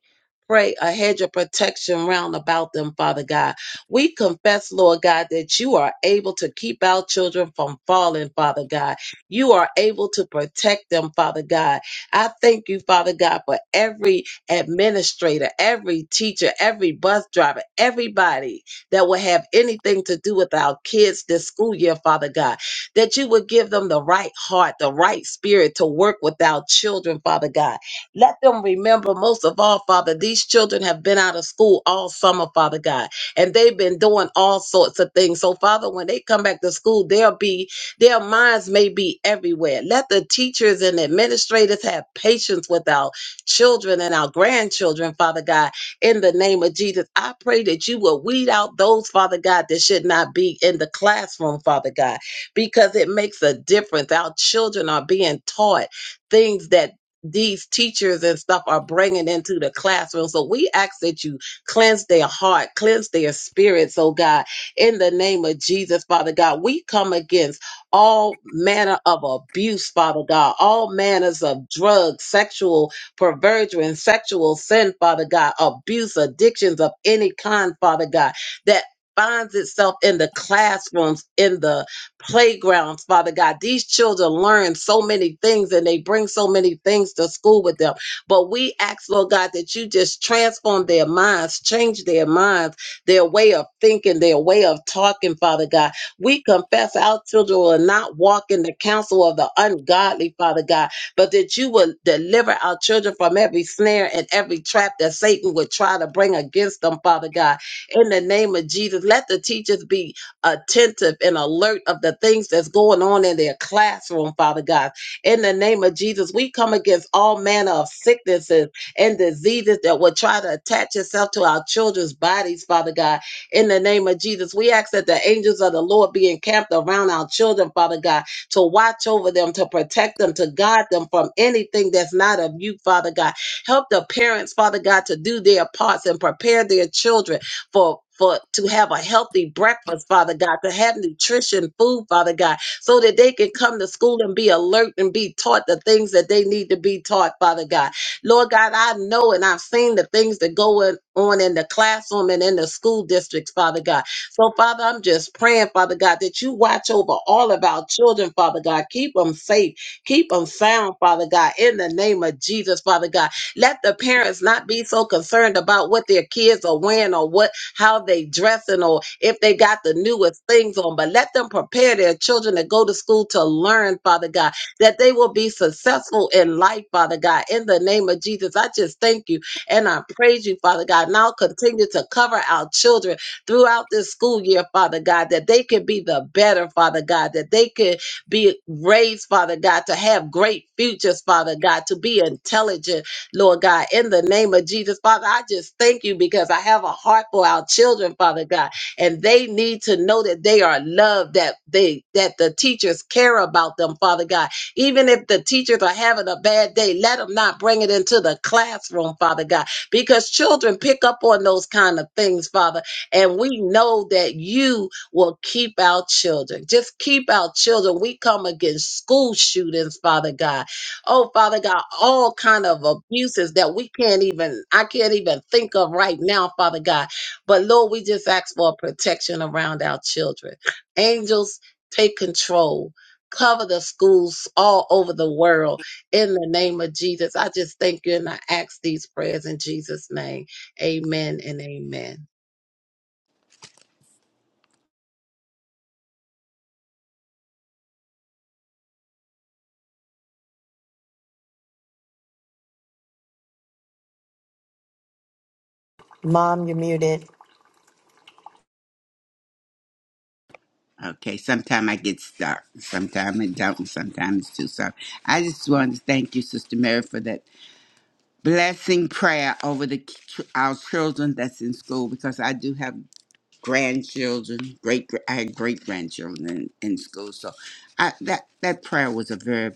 S4: pray a hedge of protection round about them, Father God. We confess, Lord God, that you are able to keep our children from falling, Father God. You are able to protect them, Father God. I thank you, Father God, for every administrator, every teacher, every bus driver, everybody that will have anything to do with our kids this school year, Father God, that you would give them the right heart, the right spirit to work with our children, Father God let them remember, most of all, Father, these children have been out of school all summer, Father God, and they've been doing all sorts of things. So, Father, when they come back to school, they'll be, their minds may be everywhere. Let the teachers and administrators have patience with our children and our grandchildren, Father God, in the name of Jesus. I pray that you will weed out those, Father God, that should not be in the classroom, Father God, because it makes a difference. Our children are being taught things that these teachers and stuff are bringing into the classroom. So we ask that you cleanse their heart, cleanse their spirits, oh God, in the name of Jesus, Father God. We come against all manner of abuse, Father God, all manners of drugs, sexual perversion, sexual sin, Father God, abuse, addictions of any kind, Father God, that finds itself in the classrooms, in the playgrounds, Father God. These children learn so many things and they bring so many things to school with them. But we ask, Lord God, that you just transform their minds, change their minds, their way of thinking, their way of talking, Father God. We confess our children will not walk in the counsel of the ungodly, Father God, but that you will deliver our children from every snare and every trap that Satan would try to bring against them, Father God. In the name of Jesus, let the teachers be attentive and alert of the things that's going on in their classroom, Father God. In the name of Jesus, we come against all manner of sicknesses and diseases that will try to attach itself to our children's bodies, Father God. In the name of Jesus, we ask that the angels of the Lord be encamped around our children, Father God, to watch over them, to protect them, to guard them from anything that's not of you, Father God. Help the parents, Father God, to do their parts and prepare their children for for to have a healthy breakfast, Father God, to have nutrition food, Father God, so that they can come to school and be alert and be taught the things that they need to be taught, Father God. Lord God, I know and I've seen the things that go in- on in the classroom and in the school districts, Father God. So, Father, I'm just praying, Father God, that you watch over all of our children, Father God. Keep them safe, keep them sound, Father God, in the name of Jesus, Father God. Let the parents not be so concerned about what their kids are wearing or what how they dressing or if they got the newest things on, but let them prepare their children to go to school to learn, Father God, that they will be successful in life, Father God. In the name of Jesus, I just thank you and I praise you, Father God. Now continue to cover our children throughout this school year, Father God, that they can be the better, Father God, that they can be raised, Father God, to have great futures, Father God, to be intelligent, Lord God, in the name of Jesus. Father, I just thank you because I have a heart for our children, Father God, and they need to know that they are loved, that they that the teachers care about them, Father God. Even if the teachers are having a bad day, let them not bring it into the classroom, Father God, because children pick up on those kind of things, Father, and we know that you will keep our children. Just keep our children. We come against school shootings, Father God Oh, Father God, all kind of abuses that we can't even, I can't even think of right now, Father God. But Lord, we just ask for protection around our children. Angels, take control. Cover the schools all over the world in the name of Jesus. I just thank you and I ask these prayers in Jesus' name. Amen and amen.
S6: Mom, you're muted.
S1: Okay, sometimes I get stuck, sometimes I don't, and sometimes it's too soft. I just wanted to thank you, Sister Mary, for that blessing prayer over the ch- our children that's in school because I do have grandchildren, great I had great grandchildren in, in school. So I, that that prayer was a very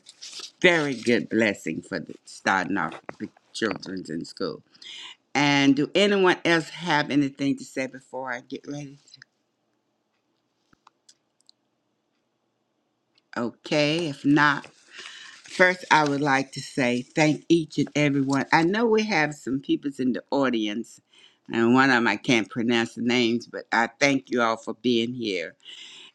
S1: very good blessing for the, starting off the children's in school. And do anyone else have anything to say before I get ready? Okay, if not, first I would like to say thank each and everyone. I know we have some people in the audience, and one of them I can't pronounce the names, but I thank you all for being here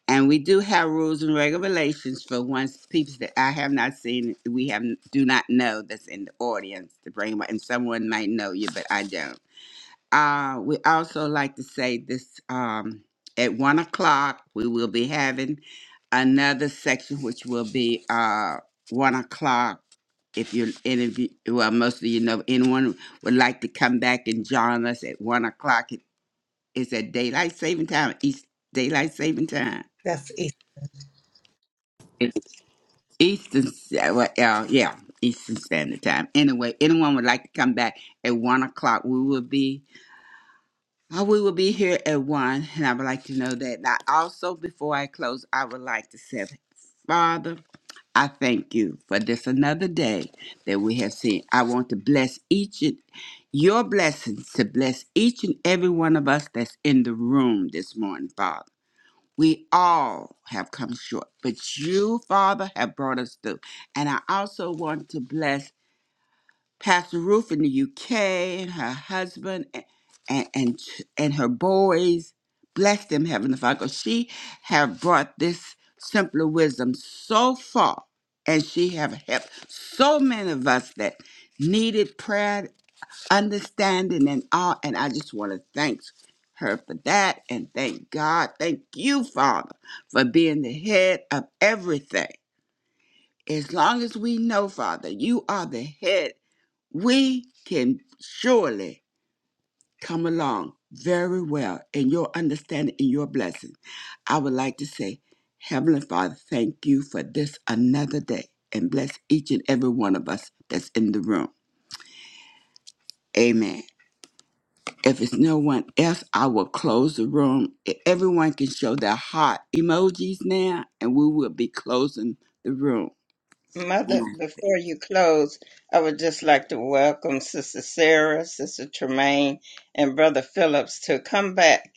S1: And we do have rules and regulations for once people that I have not seen, we have do not know that's in the audience to bring 'em up, and someone might know you, but I don't. Uh, we also like to say this um, at one o'clock we will be having another section, which will be uh, one o'clock. If you're interview, well, most of you know anyone would like to come back and join us at one o'clock. It- It's at daylight saving time, East daylight saving time.
S2: That's it.
S1: Eastern, Sta- well, uh, yeah, Eastern Standard Time. Anyway, anyone would like to come back at one o'clock, we will be, uh, we will be here at one, and I would like to know that. Now, also before I close, I would like to say, Father, I thank you for this another day that we have seen. I want to bless each and your blessings to bless each and every one of us that's in the room this morning, Father. We all have come short, but you, Father, have brought us through. And I also want to bless Pastor Ruth in the UK and her husband and and and, and her boys. Bless them, Heavenly Father. 'cause She have brought this simpler wisdom so far, and she have helped so many of us that needed prayer understanding and all. And I just want to thank her for that. And thank God. Thank you, Father, for being the head of everything. As long as we know, Father, you are the head, we can surely come along very well in your understanding and your blessing. I would like to say, Heavenly Father, thank you for this another day and bless each and every one of us that's in the room. Amen. If it's no one else, I will close the room. E- Everyone can show their heart emojis now, and we will be closing the room. And I
S3: Mother, before you close, I would just like to welcome Sister Sarah, Sister Tremaine, and Brother Phillips to come back.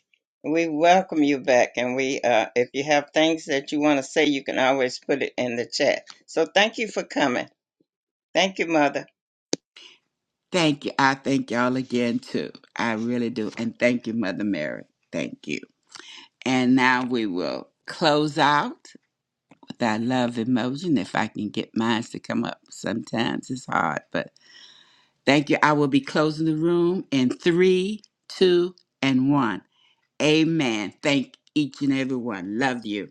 S3: We welcome you back, and we, uh, if you have things that you want to say, you can always put it in the chat. So thank you for coming. Thank you, Mother.
S1: Thank you. I thank y'all again, too. I really do. And thank you, Mother Mary. Thank you. And now we will close out with our love emoji. And if I can get mine to come up, sometimes it's hard, but thank you. I will be closing the room in three, two, and one. Amen. Thank each and every one. Love you.